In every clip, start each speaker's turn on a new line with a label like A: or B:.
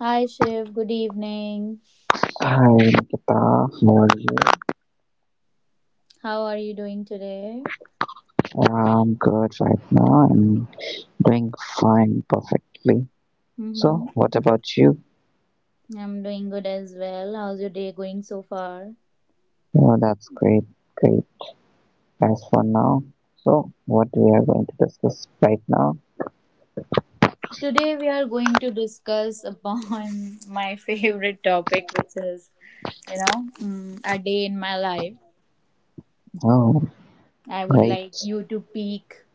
A: Hi Shiv, good evening.
B: Hi, Nikita. How are you?
A: How are you doing today?
B: Yeah, I'm good right now. I'm doing fine, perfectly.
A: Mm-hmm.
B: So, what about you?
A: I'm doing good as well. How's your day going so far?
B: Oh, that's great, great. As for now, so what we are going to discuss right now?
A: Today we are going to discuss upon my favorite topic, which is a day in my life.
B: Oh,
A: I would
B: right.
A: like you to pick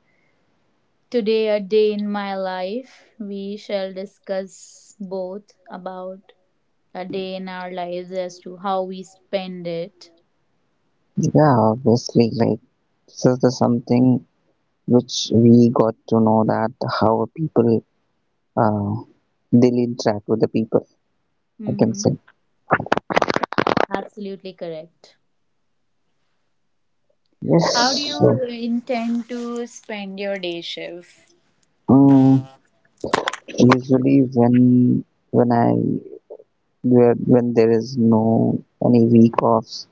A: today a day in my life. We shall discuss both about a day in our lives as to how we spend it.
B: Yeah, obviously, like this is the something which we got to know that how people uh, they interact with the people. I can
A: Mm-hmm.
B: say
A: Absolutely correct. How do
B: yes.
A: you
B: So,
A: intend to spend your day, Shiv?
B: um, usually when I when there is no any week offs,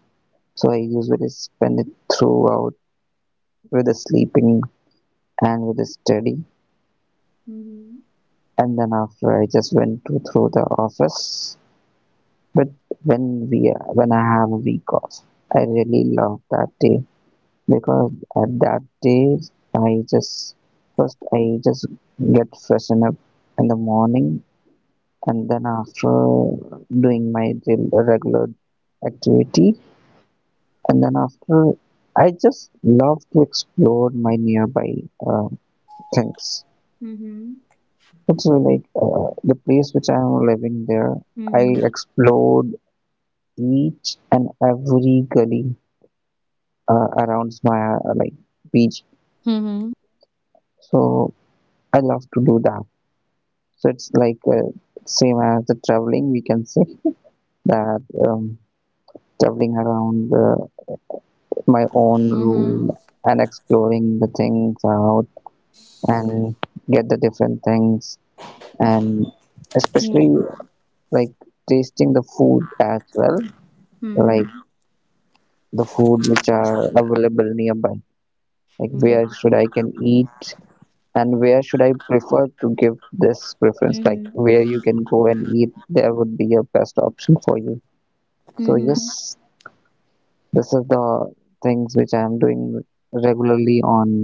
B: so I usually spend it throughout with the sleeping and with the study,
A: Mm-hmm.
B: and then after I just went to through the office. But when we when I have a week off, I really love that day because at that day I just I just get freshen up in the morning and then after doing my regular activity and then after I just love to explore my nearby uh, things.
A: Mm-hmm.
B: It's like the place which I am living there. I explored each and every gully around my like beach,
A: Mm-hmm.
B: so I love to do that. So it's like same as the traveling, we can say that um, traveling around the my own
A: Mm-hmm.
B: room and exploring the things out, and get the different things, and especially
A: Mm-hmm.
B: like tasting the food as well, like the food which are available nearby, like
A: Mm-hmm.
B: where should I can eat and where should I prefer to give this preference, like
A: Mm-hmm.
B: where you can go and eat, there would be a best option for you. So yes,
A: Mm-hmm.
B: this is the things which I am doing regularly on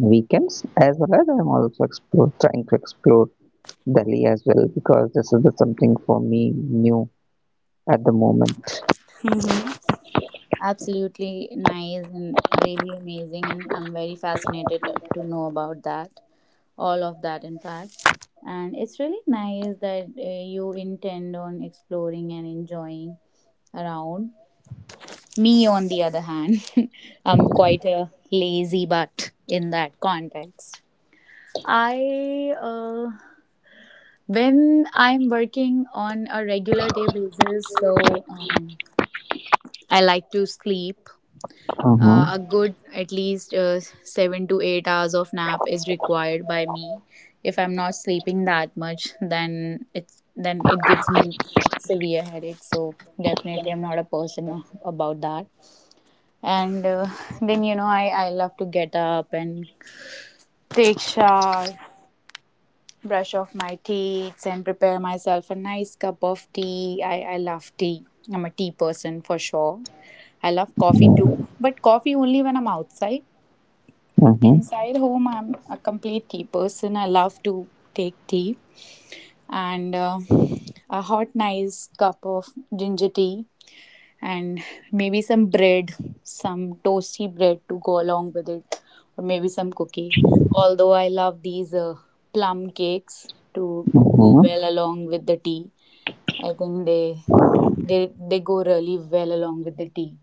B: weekends, as well as I'm also trying to explore Delhi as well, because this is the something for me new at the moment.
A: Mm-hmm. Absolutely nice and really amazing, and I'm very fascinated to know about that, all of that, in fact. And it's really nice that you intend on exploring and enjoying around. Me, on the other hand, I'm quite a lazy butt in that context. I, uh, when I'm working on a regular day basis, so I like to sleep.
B: Mm-hmm.
A: A good at least 7 to 8 hours of nap is required by me. If I'm not sleeping that much, then it gives me severe headaches. So definitely, I'm not a person about that and then you know, I love to get up and take shower, brush off my teeth and prepare myself a nice cup of tea. I love tea. I'm a tea person for sure. I love coffee too, but coffee only when I'm outside.
B: Mm-hmm.
A: Inside home, I'm a complete tea person. I love to take tea, and a hot nice cup of ginger tea, and maybe some bread, some toasty bread to go along with it, or maybe some cookie. Although I love these plum cakes to go
B: Mm-hmm.
A: well along with the tea, I think they go really well along with the tea.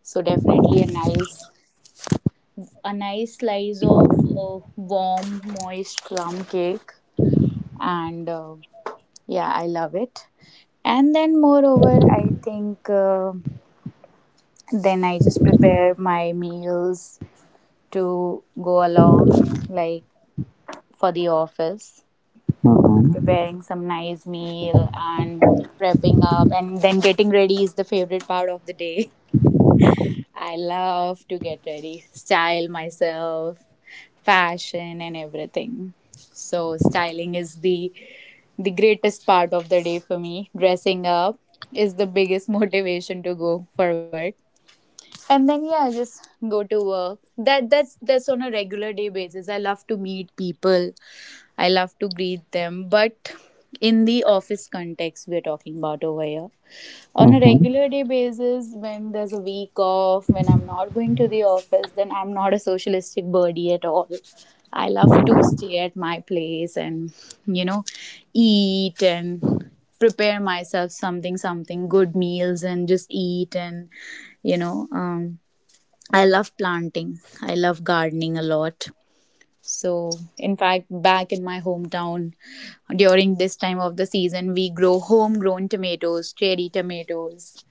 A: So definitely a nice slice of warm moist plum cake, and yeah, I love it. And then moreover, I think. Then I just prepare my meals to go along, like for the office,
B: Mm-hmm.
A: preparing some nice meal, and prepping up and then getting ready is the favorite part of the day. I love to get ready, style myself, fashion and everything. So styling is the greatest part of the day for me. Dressing up is the biggest motivation to go for work. And then yeah, I just go to work. That's on a regular day basis. I love to meet people, I love to greet them, but in the office context we're talking about over here. On a
B: Mm-hmm.
A: regular day basis, when there's a week off, when I'm not going to the office, then I'm not a socialistic birdie at all. I love to stay at my place and you know, eat and prepare myself something good meals and just eat. And you know, I love planting, I love gardening a lot. So in fact, back in my hometown, during this time of the season, we grow homegrown tomatoes, cherry tomatoes,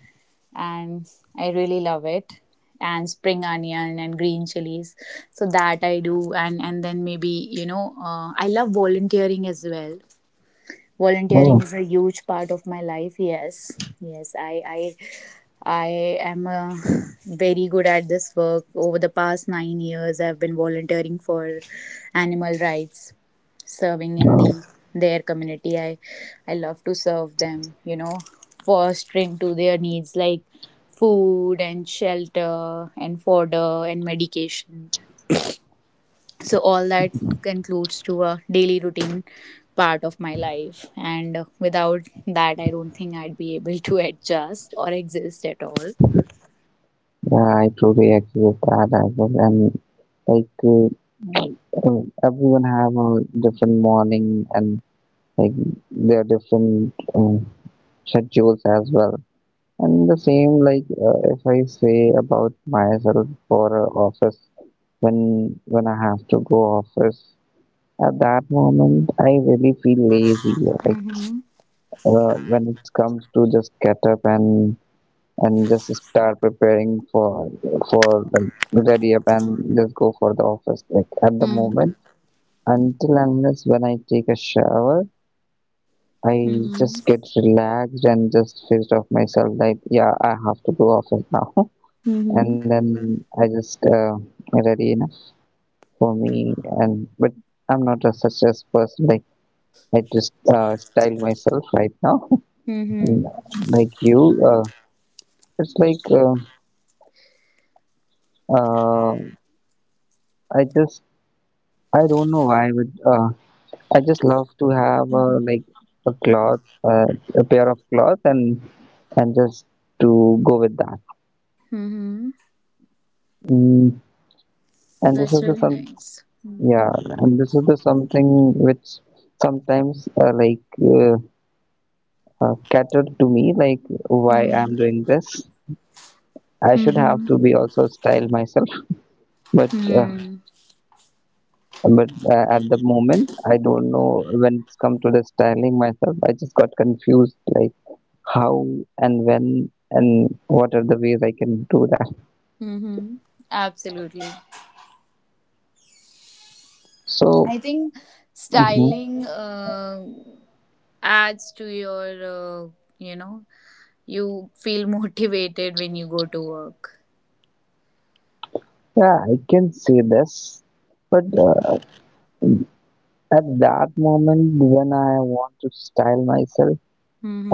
A: and I really love it. And spring onion and green chilies, so that I do. And then maybe you know, I love volunteering as well. Volunteering
B: Oh,
A: is a huge part of my life. Yes, yes, I am very good at this work. Over the past 9 years, I've been volunteering for animal rights, serving in the
B: oh,
A: their community. I love to serve them, you know, fostering to their needs like food and shelter and fodder and medication. So all that concludes to a daily routine part of my life, and without that I don't think I'd be able to adjust or exist at all.
B: yeah, I totally agree with that as well. And like everyone have a different morning and like their different schedules as well. And the same, like if I say about myself for office, when I have to go office, at that moment I really feel lazy. Like
A: Mm-hmm.
B: when it comes to just get up, and just start preparing for like ready up and just go for the office. Like at the
A: Mm-hmm.
B: moment, until unless when I take a shower, I
A: Mm-hmm.
B: just get relaxed and just switched off myself. Like yeah, I have to go office now. And then I just ready enough for me. And but I'm not a such as person like I just style myself right now,
A: Mm-hmm.
B: like you. It's like uh, I just I don't know why, but I just love to have
A: Mm-hmm.
B: like a cloth, a pair of cloth, and just to go with that.
A: Mm-hmm.
B: Mm, and this
A: That's
B: is the
A: really
B: some
A: nice.
B: Yeah, and this is the something which sometimes like, cater to me like why I'm
A: Mm-hmm.
B: doing this, I should have
A: Mm-hmm.
B: to be also style myself, but uh,
A: Hmm.
B: but at the moment I don't know, when it's come to the styling myself I just got confused like how and when and what are the ways I can do that.
A: Mm-hmm. Absolutely.
B: So
A: I think
B: mhm,
A: styling adds to your, you know, you feel motivated when you go to work.
B: yeah, I can say this, but at that moment when I want to style myself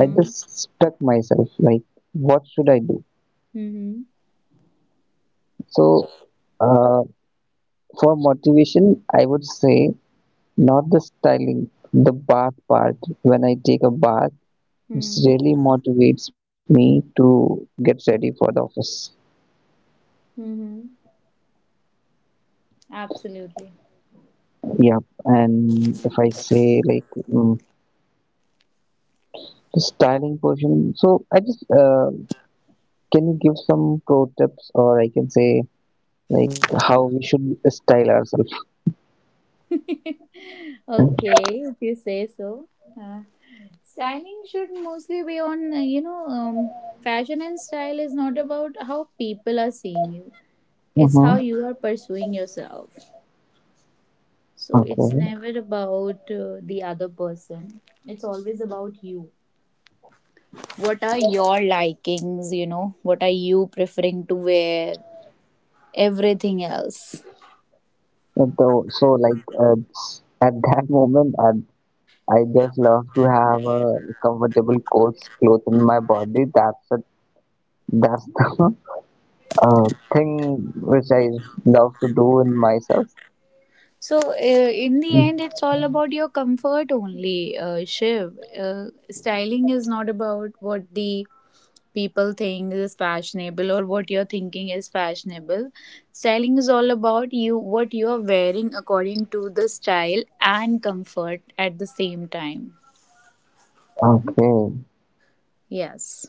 B: I just stuck myself like what should I do.
A: Mm-hmm.
B: So uh, for motivation, I would say not the styling, the bath part. When I take a bath, it really
A: Mm-hmm.
B: motivates me to get ready for the office.
A: Mm-hmm. Absolutely.
B: Yeah, and if I say like the styling portion, so I just can you give some pro tips, or I can say like how we should style ourselves.
A: Okay, if you say so. Uh, Styling should mostly be on, you know, fashion and style is not about how people are seeing you. It's how
B: Mm-hmm.
A: you are pursuing yourself. So it's
B: Okay.
A: never about the other person. It's always about you. What are your likings, you know? What are you preferring to wear? Everything else.
B: And so like at that moment, at I just love to have a comfortable clothes cloth in my body. That's it. That's the uh, thing which I love to do in myself.
A: So, in the end, it's all about your comfort only, Shiv. Styling is not about what the people think is fashionable or what you're thinking is fashionable. Styling is all about you, what you're wearing according to the style and comfort at the same time.
B: Okay,
A: Yes.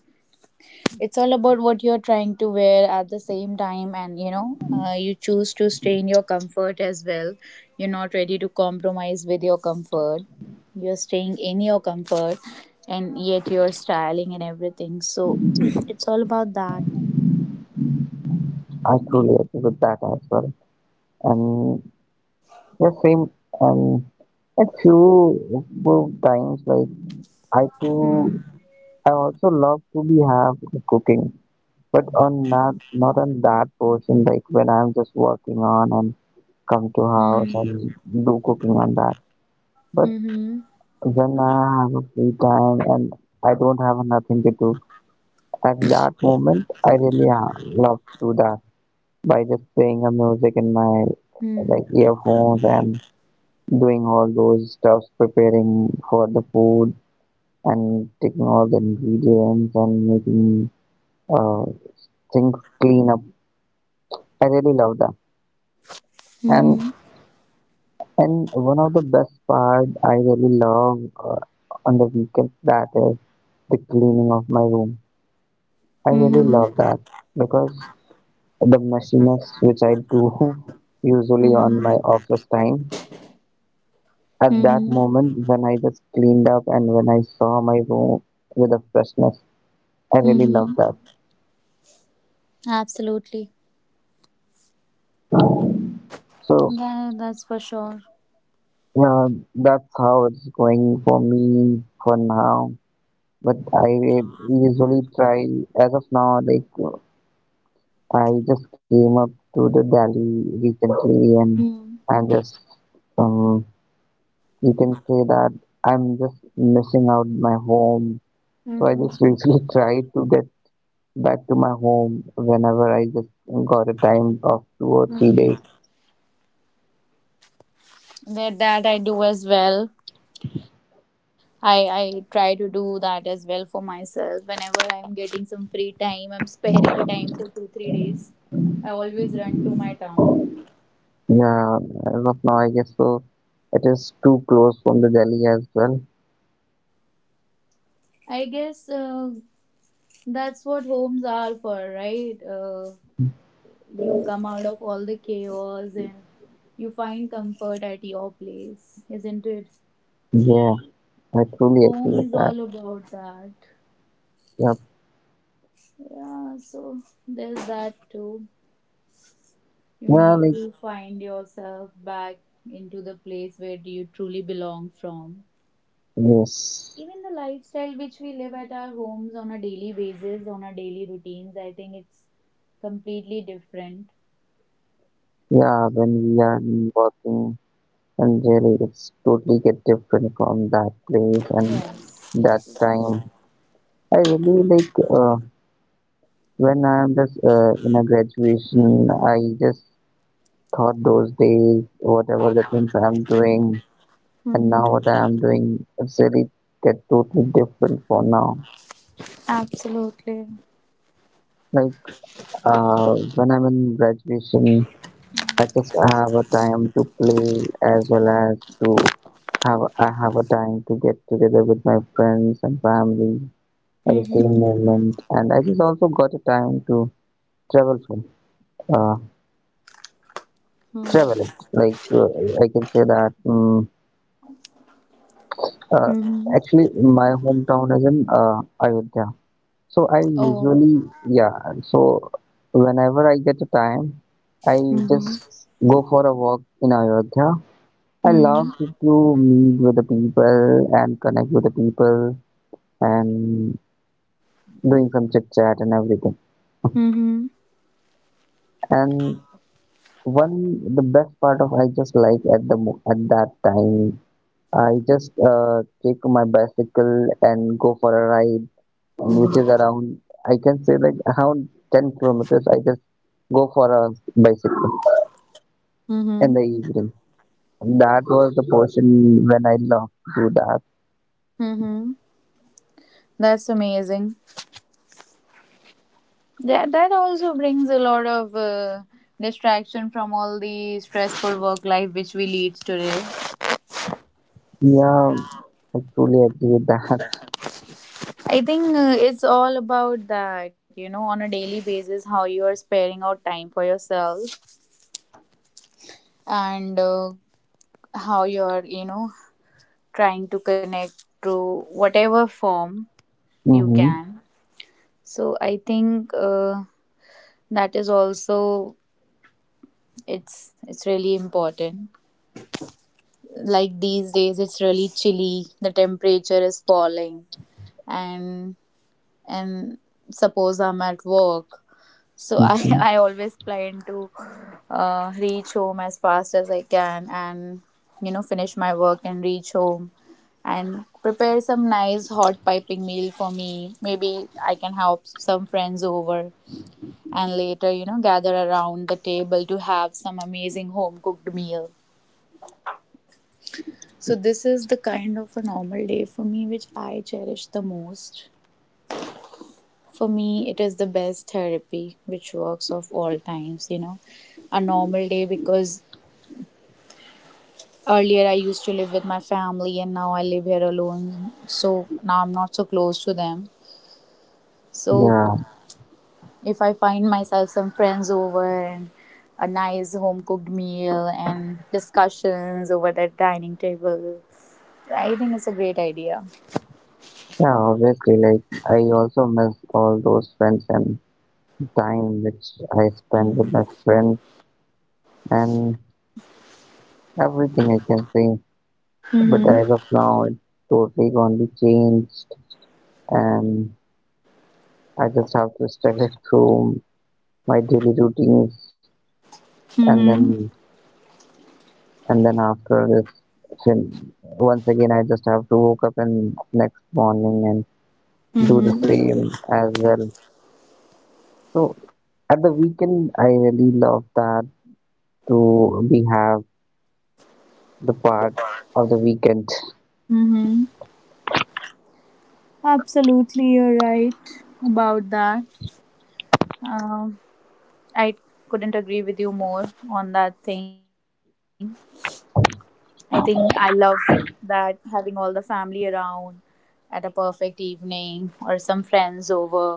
A: It's all about what you're trying to wear at the same time, and you know, you choose to stay in your comfort as well. You're not ready to compromise with your comfort. You're staying in your comfort and yet you're styling and everything. So it's all about that.
B: I truly agree with that as well. And the same, and a few times like I
A: Hmm.
B: too I also love to be have cooking, but on not on that portion, like when I'm just working on and come to house
A: Hmm.
B: and do cooking on that. But
A: Hmm.
B: when I have a free time and I don't have nothing to do, at that moment, I really love to do that by just playing a music in my
A: Hmm.
B: like earphones and doing all those stuffs, preparing for the food and taking all the ingredients and making uh, things clean up. I really love that. And
A: Hmm.
B: and one of the best part I really love on the weekends, that is the cleaning of my room. I really
A: Hmm.
B: love that, because the messiness which I do usually on
A: Hmm.
B: my office time, at that
A: Hmm.
B: moment when I just cleaned up and when I saw my room with a freshness, I really
A: Hmm.
B: love that.
A: Absolutely.
B: So
A: Yeah, that's for sure.
B: yeah, that's how it's going for me for now. But I usually try, as of now, like I just came up to the Delhi recently, and
A: Hmm.
B: and just um, you can say that I'm just missing out my home. So I
A: Hmm.
B: just usually try to get back to my home whenever I just got a time of two or three
A: Hmm.
B: days.
A: That that I do as well. I try to do that as well for myself. Whenever I am getting some free time, I'm sparing a time for 2 3 days. I always run to my town.
B: Yeah, as of now, I guess so. It is too close from the Delhi as well.
A: I guess that's what homes are for, right? You come out of all the chaos and you find comfort at your place, isn't it?
B: Yeah, I truly agree
A: Home
B: with
A: is
B: that.
A: all about that.
B: Yeah,
A: Yeah, so there's that too. You
B: yeah,
A: need
B: like
A: to find yourself back into the place where do you truly belong from.
B: yes,
A: Even the lifestyle which we live at our homes on a daily basis, on our daily routines, I think it's completely different.
B: yeah. When we are working, and really, it's totally get different from that place and
A: Yes.
B: that time. I really like. When I'm just in a graduation, I just thought those days, whatever the things I'm doing, and
A: Mm-hmm.
B: now what I'm doing, it's really get totally different for now.
A: Absolutely.
B: Like when I'm in graduation, I just have a time to play as well as to have I have a time to get together with my friends and family at the same moment, and I just also got a time to travel from. Uh, traveling. Like I can say that uh, actually my hometown is in Ayodhya. So I
A: Oh.
B: usually, yeah. So whenever I get a time, I just
A: Mm-hmm.
B: go for a walk in Ayodhya. I love to meet with the people and connect with the people and doing some chit chat and everything.
A: Mm-hmm.
B: And one the best part of I just like at the at that time, I just take my bicycle and go for a ride, and which is around, I can say like around 10 kilometers. I just go for a bicycle
A: Mm-hmm.
B: in the evening. That was the portion when I love to do that.
A: Mm-hmm. That's amazing. That that also brings a lot of distraction from all the stressful work life which we lead today.
B: Yeah, I truly agree with that.
A: I think it's all about that, you know, on a daily basis, how you are sparing out time for yourself and how you are, you know, trying to connect to whatever form you
B: Mm-hmm.
A: can. So I think that is also it's really important. Like these days, it's really chilly. The temperature is falling, and and suppose I'm at work. So I,
B: Mm-hmm.
A: I always plan to reach home as fast as I can and you know, finish my work and reach home and prepare some nice hot piping meal for me. Maybe I can have some friends over and later you know, gather around the table to have some amazing home cooked meal. So this is the kind of a normal day for me which I cherish the most. For me, it is the best therapy which works of all times, you know. A normal day, because earlier, I used to live with my family, and now I live here alone. So now I'm not so close to them. So
B: Yeah,
A: if I find myself some friends over and a nice home cooked meal and discussions over the dining table, I think it's a great idea.
B: yeah, obviously, like I also miss all those friends and time which I spent with my friends and everything, I can say. But
A: Mm-hmm.
B: as of now, it's totally gonna be changed, and I just have to struggle through my daily routines, and
A: Mm-hmm.
B: then and then after this, once again, I just have to wake up and next morning and do the
A: Mm-hmm.
B: same as well. So at the weekend, I really love that, to we have the part of the weekend.
A: Mm-hmm. Absolutely, you're right about that. Um, I couldn't agree with you more on that thing. I think I love that, having all the family around at a perfect evening or some friends over.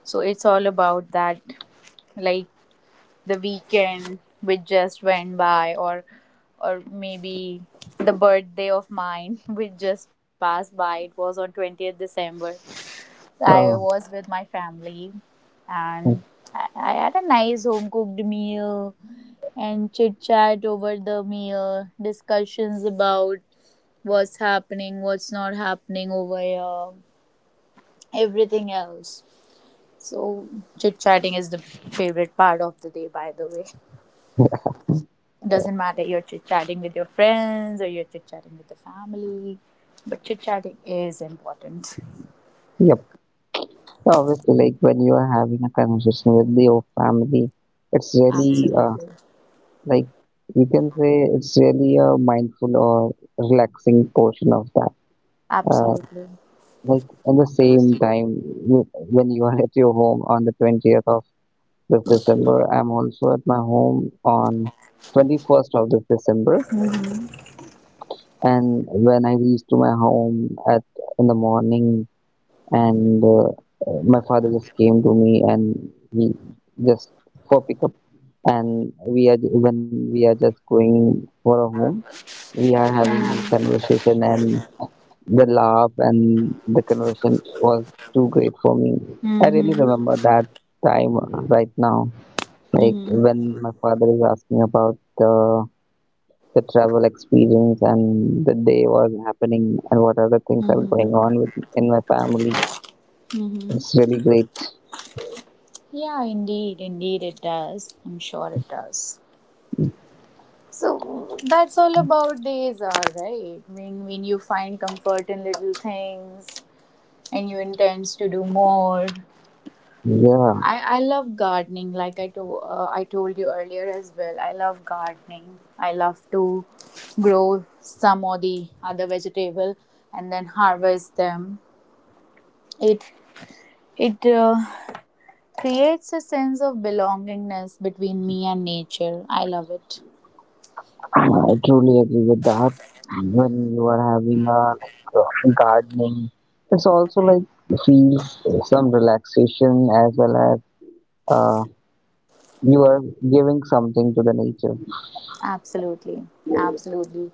A: So it's all about that, like the weekend which just went by, or maybe the birthday of mine which just passed by. It was on 20th December. I
B: Oh.
A: was with my family, and I had a nice home cooked meal and chit chat over the meal, discussions about what's happening, what's not happening over here, everything else. So, chit chatting is the favorite part of the day, by the way. It doesn't matter you're chit chatting with your friends or you're chit chatting with the family, but chit chatting is important.
B: Yep. So, obviously, like when you are having a conversation with your family, it's really uh,
A: Absolutely.
B: Like you can say it's really a mindful or relaxing portion of that. Uh,
A: Absolutely.
B: like at the same time, when you are at your home on the 20th of this December, I'm also at my home on 21st of this December. And when I reach to my home at in the morning, and my father just came to me and he just for pickup, and we are when we are just going for a home, we are having a
A: Mm-hmm.
B: conversation, and the laugh and the conversation was too great for me. I really
A: Mm-hmm.
B: remember that time right now, like
A: Mm-hmm.
B: when my father is asking about the travel experience and the day was happening and what other things are
A: Mm-hmm.
B: going on with in my family.
A: Mm-hmm.
B: It's really great.
A: Yeah, indeed. Indeed, it does. I'm sure it does. So that's all about days are right. When you find comfort in little things and you intend to do more.
B: Yeah.
A: I love gardening, like I to, I told you earlier as well. I love gardening. I love to grow some or the other vegetable and then harvest them. It it creates a sense of belongingness between me and nature. I love it.
B: I truly agree with that. When you are having a like gardening, it's also like feels some relaxation, as well as uh, you are giving something to the nature.
A: Absolutely, absolutely.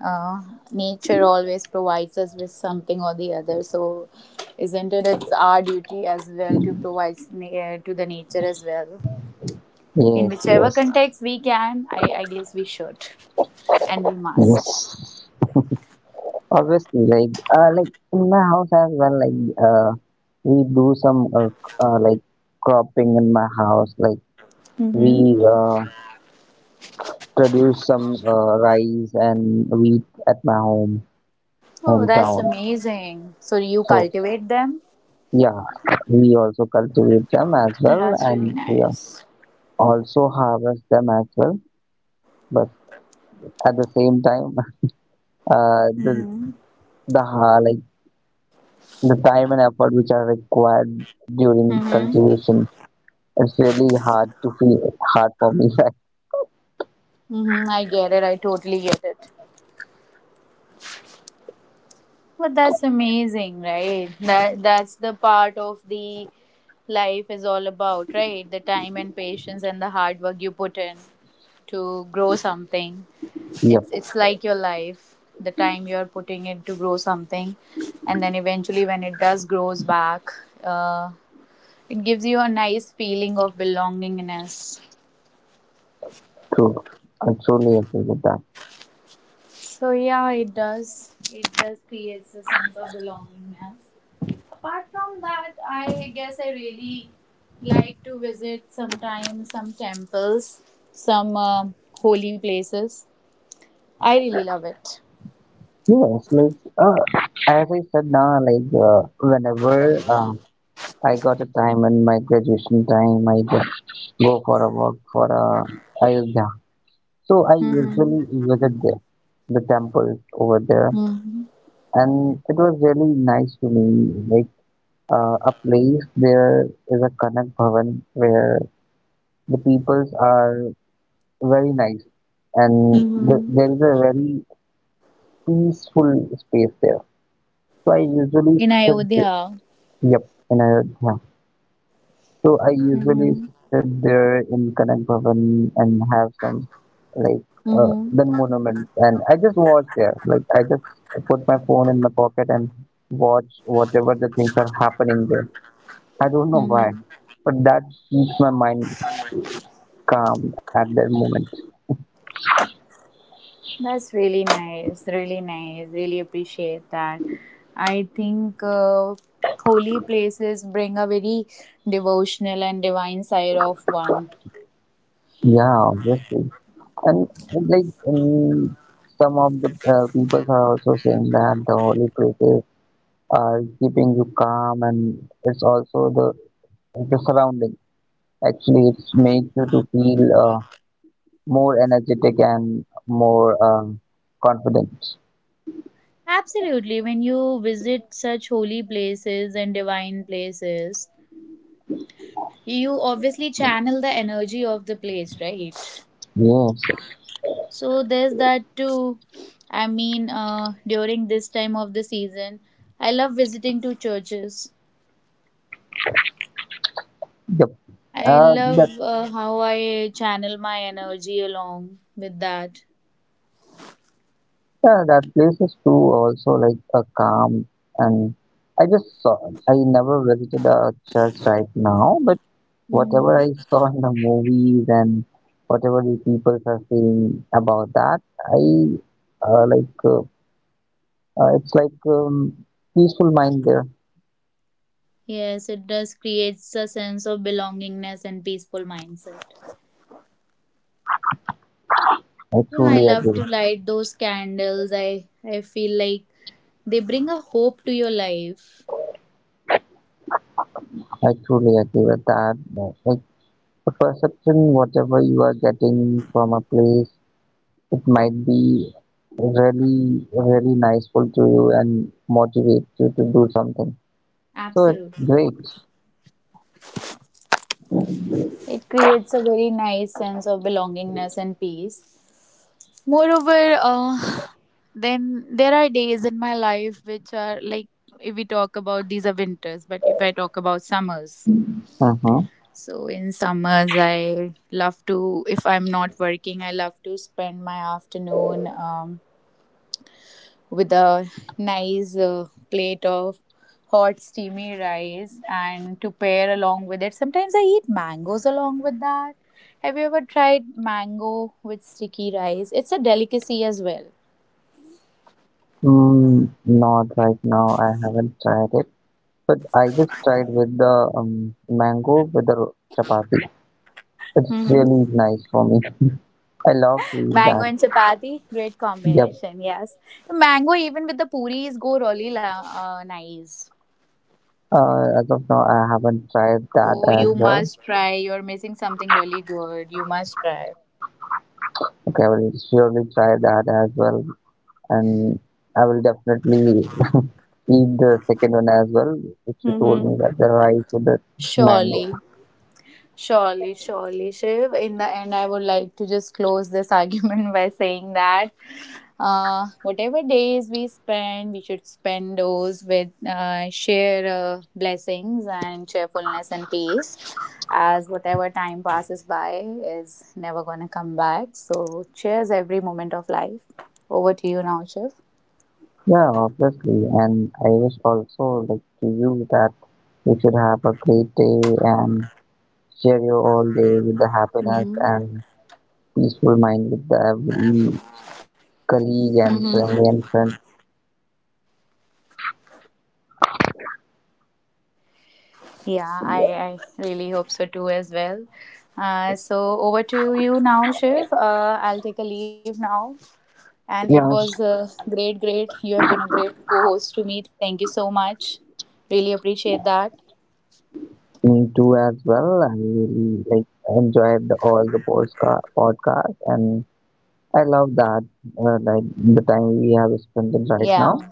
A: Uh, Nature always provides us with something or the other. So, isn't it? It's our duty as well to provide to the nature as well. In
B: Yes,
A: whichever
B: yes,
A: context we can, I guess we should and we must.
B: yes. Obviously, like in my house as well, like uh, we do some like cropping in my house. Like
A: Mm-hmm.
B: we produce some rice and wheat at my
A: Oh, that's
B: hometown.
A: amazing. So, you
B: So
A: cultivate them?
B: yeah, we also cultivate them as well,
A: That's really
B: and we
A: nice.
B: also harvest them as well. But at the same time, uh, the the like the time and effort which are required during
A: Mm-hmm.
B: cultivation, it's really hard to feel hard for me.
A: Mm-hmm. I get it. I totally get it. But that's amazing, right? That that's the part of the life is all about, right? The time and patience and the hard work you put in to grow something.
B: Yeah,
A: It's like your life. The time you're putting in to grow something, and then eventually when it does grows back, uh, it gives you a nice feeling of belongingness.
B: true. I truly agree with that.
A: So yeah, it does. It does creates a sense of belongingness. Apart from that, I guess I really like to visit sometimes some temples, some holy places. I really love it.
B: Yes, like as I said now, like whenever I got a time and my graduation time, I just go for a walk for a Ayodhya. So I
A: Mm-hmm.
B: usually visit the temple over there,
A: Mm-hmm.
B: and it was really nice to me, like a place there is a Kanak Bhavan where the peoples are very nice, and
A: Mm-hmm.
B: there is a very peaceful space there. So I usually
A: In
B: sit,
A: Ayodhya.
B: yep, in Ayodhya. So I usually
A: Mm-hmm.
B: sit there in Kanak Bhavan and have some like
A: Mm-hmm.
B: then monument, and I just watch there like I just put my phone in my pocket and watch whatever the things are happening there. I don't know why,
A: Mm-hmm.
B: but that keeps my mind calm at that moment.
A: That's really nice. Really nice. Really appreciate that. I think holy places bring a very devotional and divine side of one.
B: Yeah, obviously. And like some of the people are also saying that the holy places are keeping you calm, and it's also the surrounding actually, it makes you to feel more energetic and more confident.
A: Absolutely. When you visit such holy places and divine places, you obviously channel the energy of the place, right?
B: Yes.
A: So there's that too. I mean, during this time of the season, I love visiting to churches.
B: Yep.
A: I
B: That
A: love how I channel my energy along with that.
B: Yeah, that place is too also like a calm, and I just saw, I never visited a church right now, but
A: Hmm.
B: whatever I saw in the movies and whatever the people are saying about that, I like it's like peaceful mind there.
A: Yes, it does creates a sense of belongingness and peaceful mindset.
B: I
A: You know, I
B: truly
A: love
B: agree.
A: to light those candles. I feel like they bring a hope to your life.
B: I truly agree with that. I The perception, whatever you are getting from a place, it might be really, really niceful to you and motivate you to do something. So it's
A: Absolutely.
B: great.
A: It creates a very nice sense of belongingness and peace. Moreover, then there are days in my life which are like, if we talk about these are winters, but if I talk about summers.
B: Uh-huh.
A: So in summers, I love to, if I'm not working, I love to spend my afternoon with a nice plate of hot steamy rice and to pair along with it. Sometimes I eat mangoes along with that. Have you ever tried mango with sticky rice? It's a delicacy as well.
B: Mm, not right now. I haven't tried it, but I just tried with the mango with the chapati.
A: Hmm.
B: It's really nice for me. I love to
A: Mango
B: eat
A: and
B: that.
A: chapati, great
B: Yep.
A: combination. Yes, mango even with the puris go really nice.
B: As of now, I haven't tried that
A: Oh, you
B: as well.
A: must try. You're missing something really good. You must try.
B: Okay, I will surely try that as well, and I will definitely eat the second one as well, which you told
A: Mm-hmm.
B: me that the rice with the mango.
A: Surely. Surely, surely, Shiv. In the end, I would like to just close this argument by saying that whatever days we spend, we should spend those with sheer blessings and cheerfulness and peace, as whatever time passes by is never going to come back. So, cheers every moment of life. Over to you now, Shiv.
B: Yeah, obviously, and I wish also like to you that you should have a great day and share your all day with the happiness
A: Mm-hmm.
B: and peaceful mind with the every colleague and
A: Mm-hmm.
B: family and friends.
A: Yeah, I really hope so too as well. So over to you now, Shiv. I'll take a leave now. And it was
B: Yes,
A: great, great. You have been a great co-host to me. Thank you so much. Really appreciate that.
B: me too as well. I really like enjoyed all the podcast, and I love that, like the time we have spent it right now.
A: Yeah,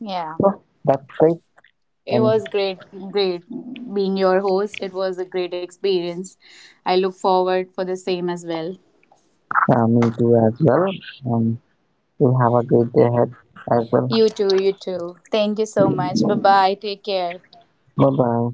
A: yeah.
B: So that's great,
A: It was
B: and
A: great, great being your host. It was a great experience. I look forward for the same as well.
B: me too as well. Um, we have a great day ahead as well.
A: You too, you too. Thank you so much. Bye bye. Take care.
B: Bye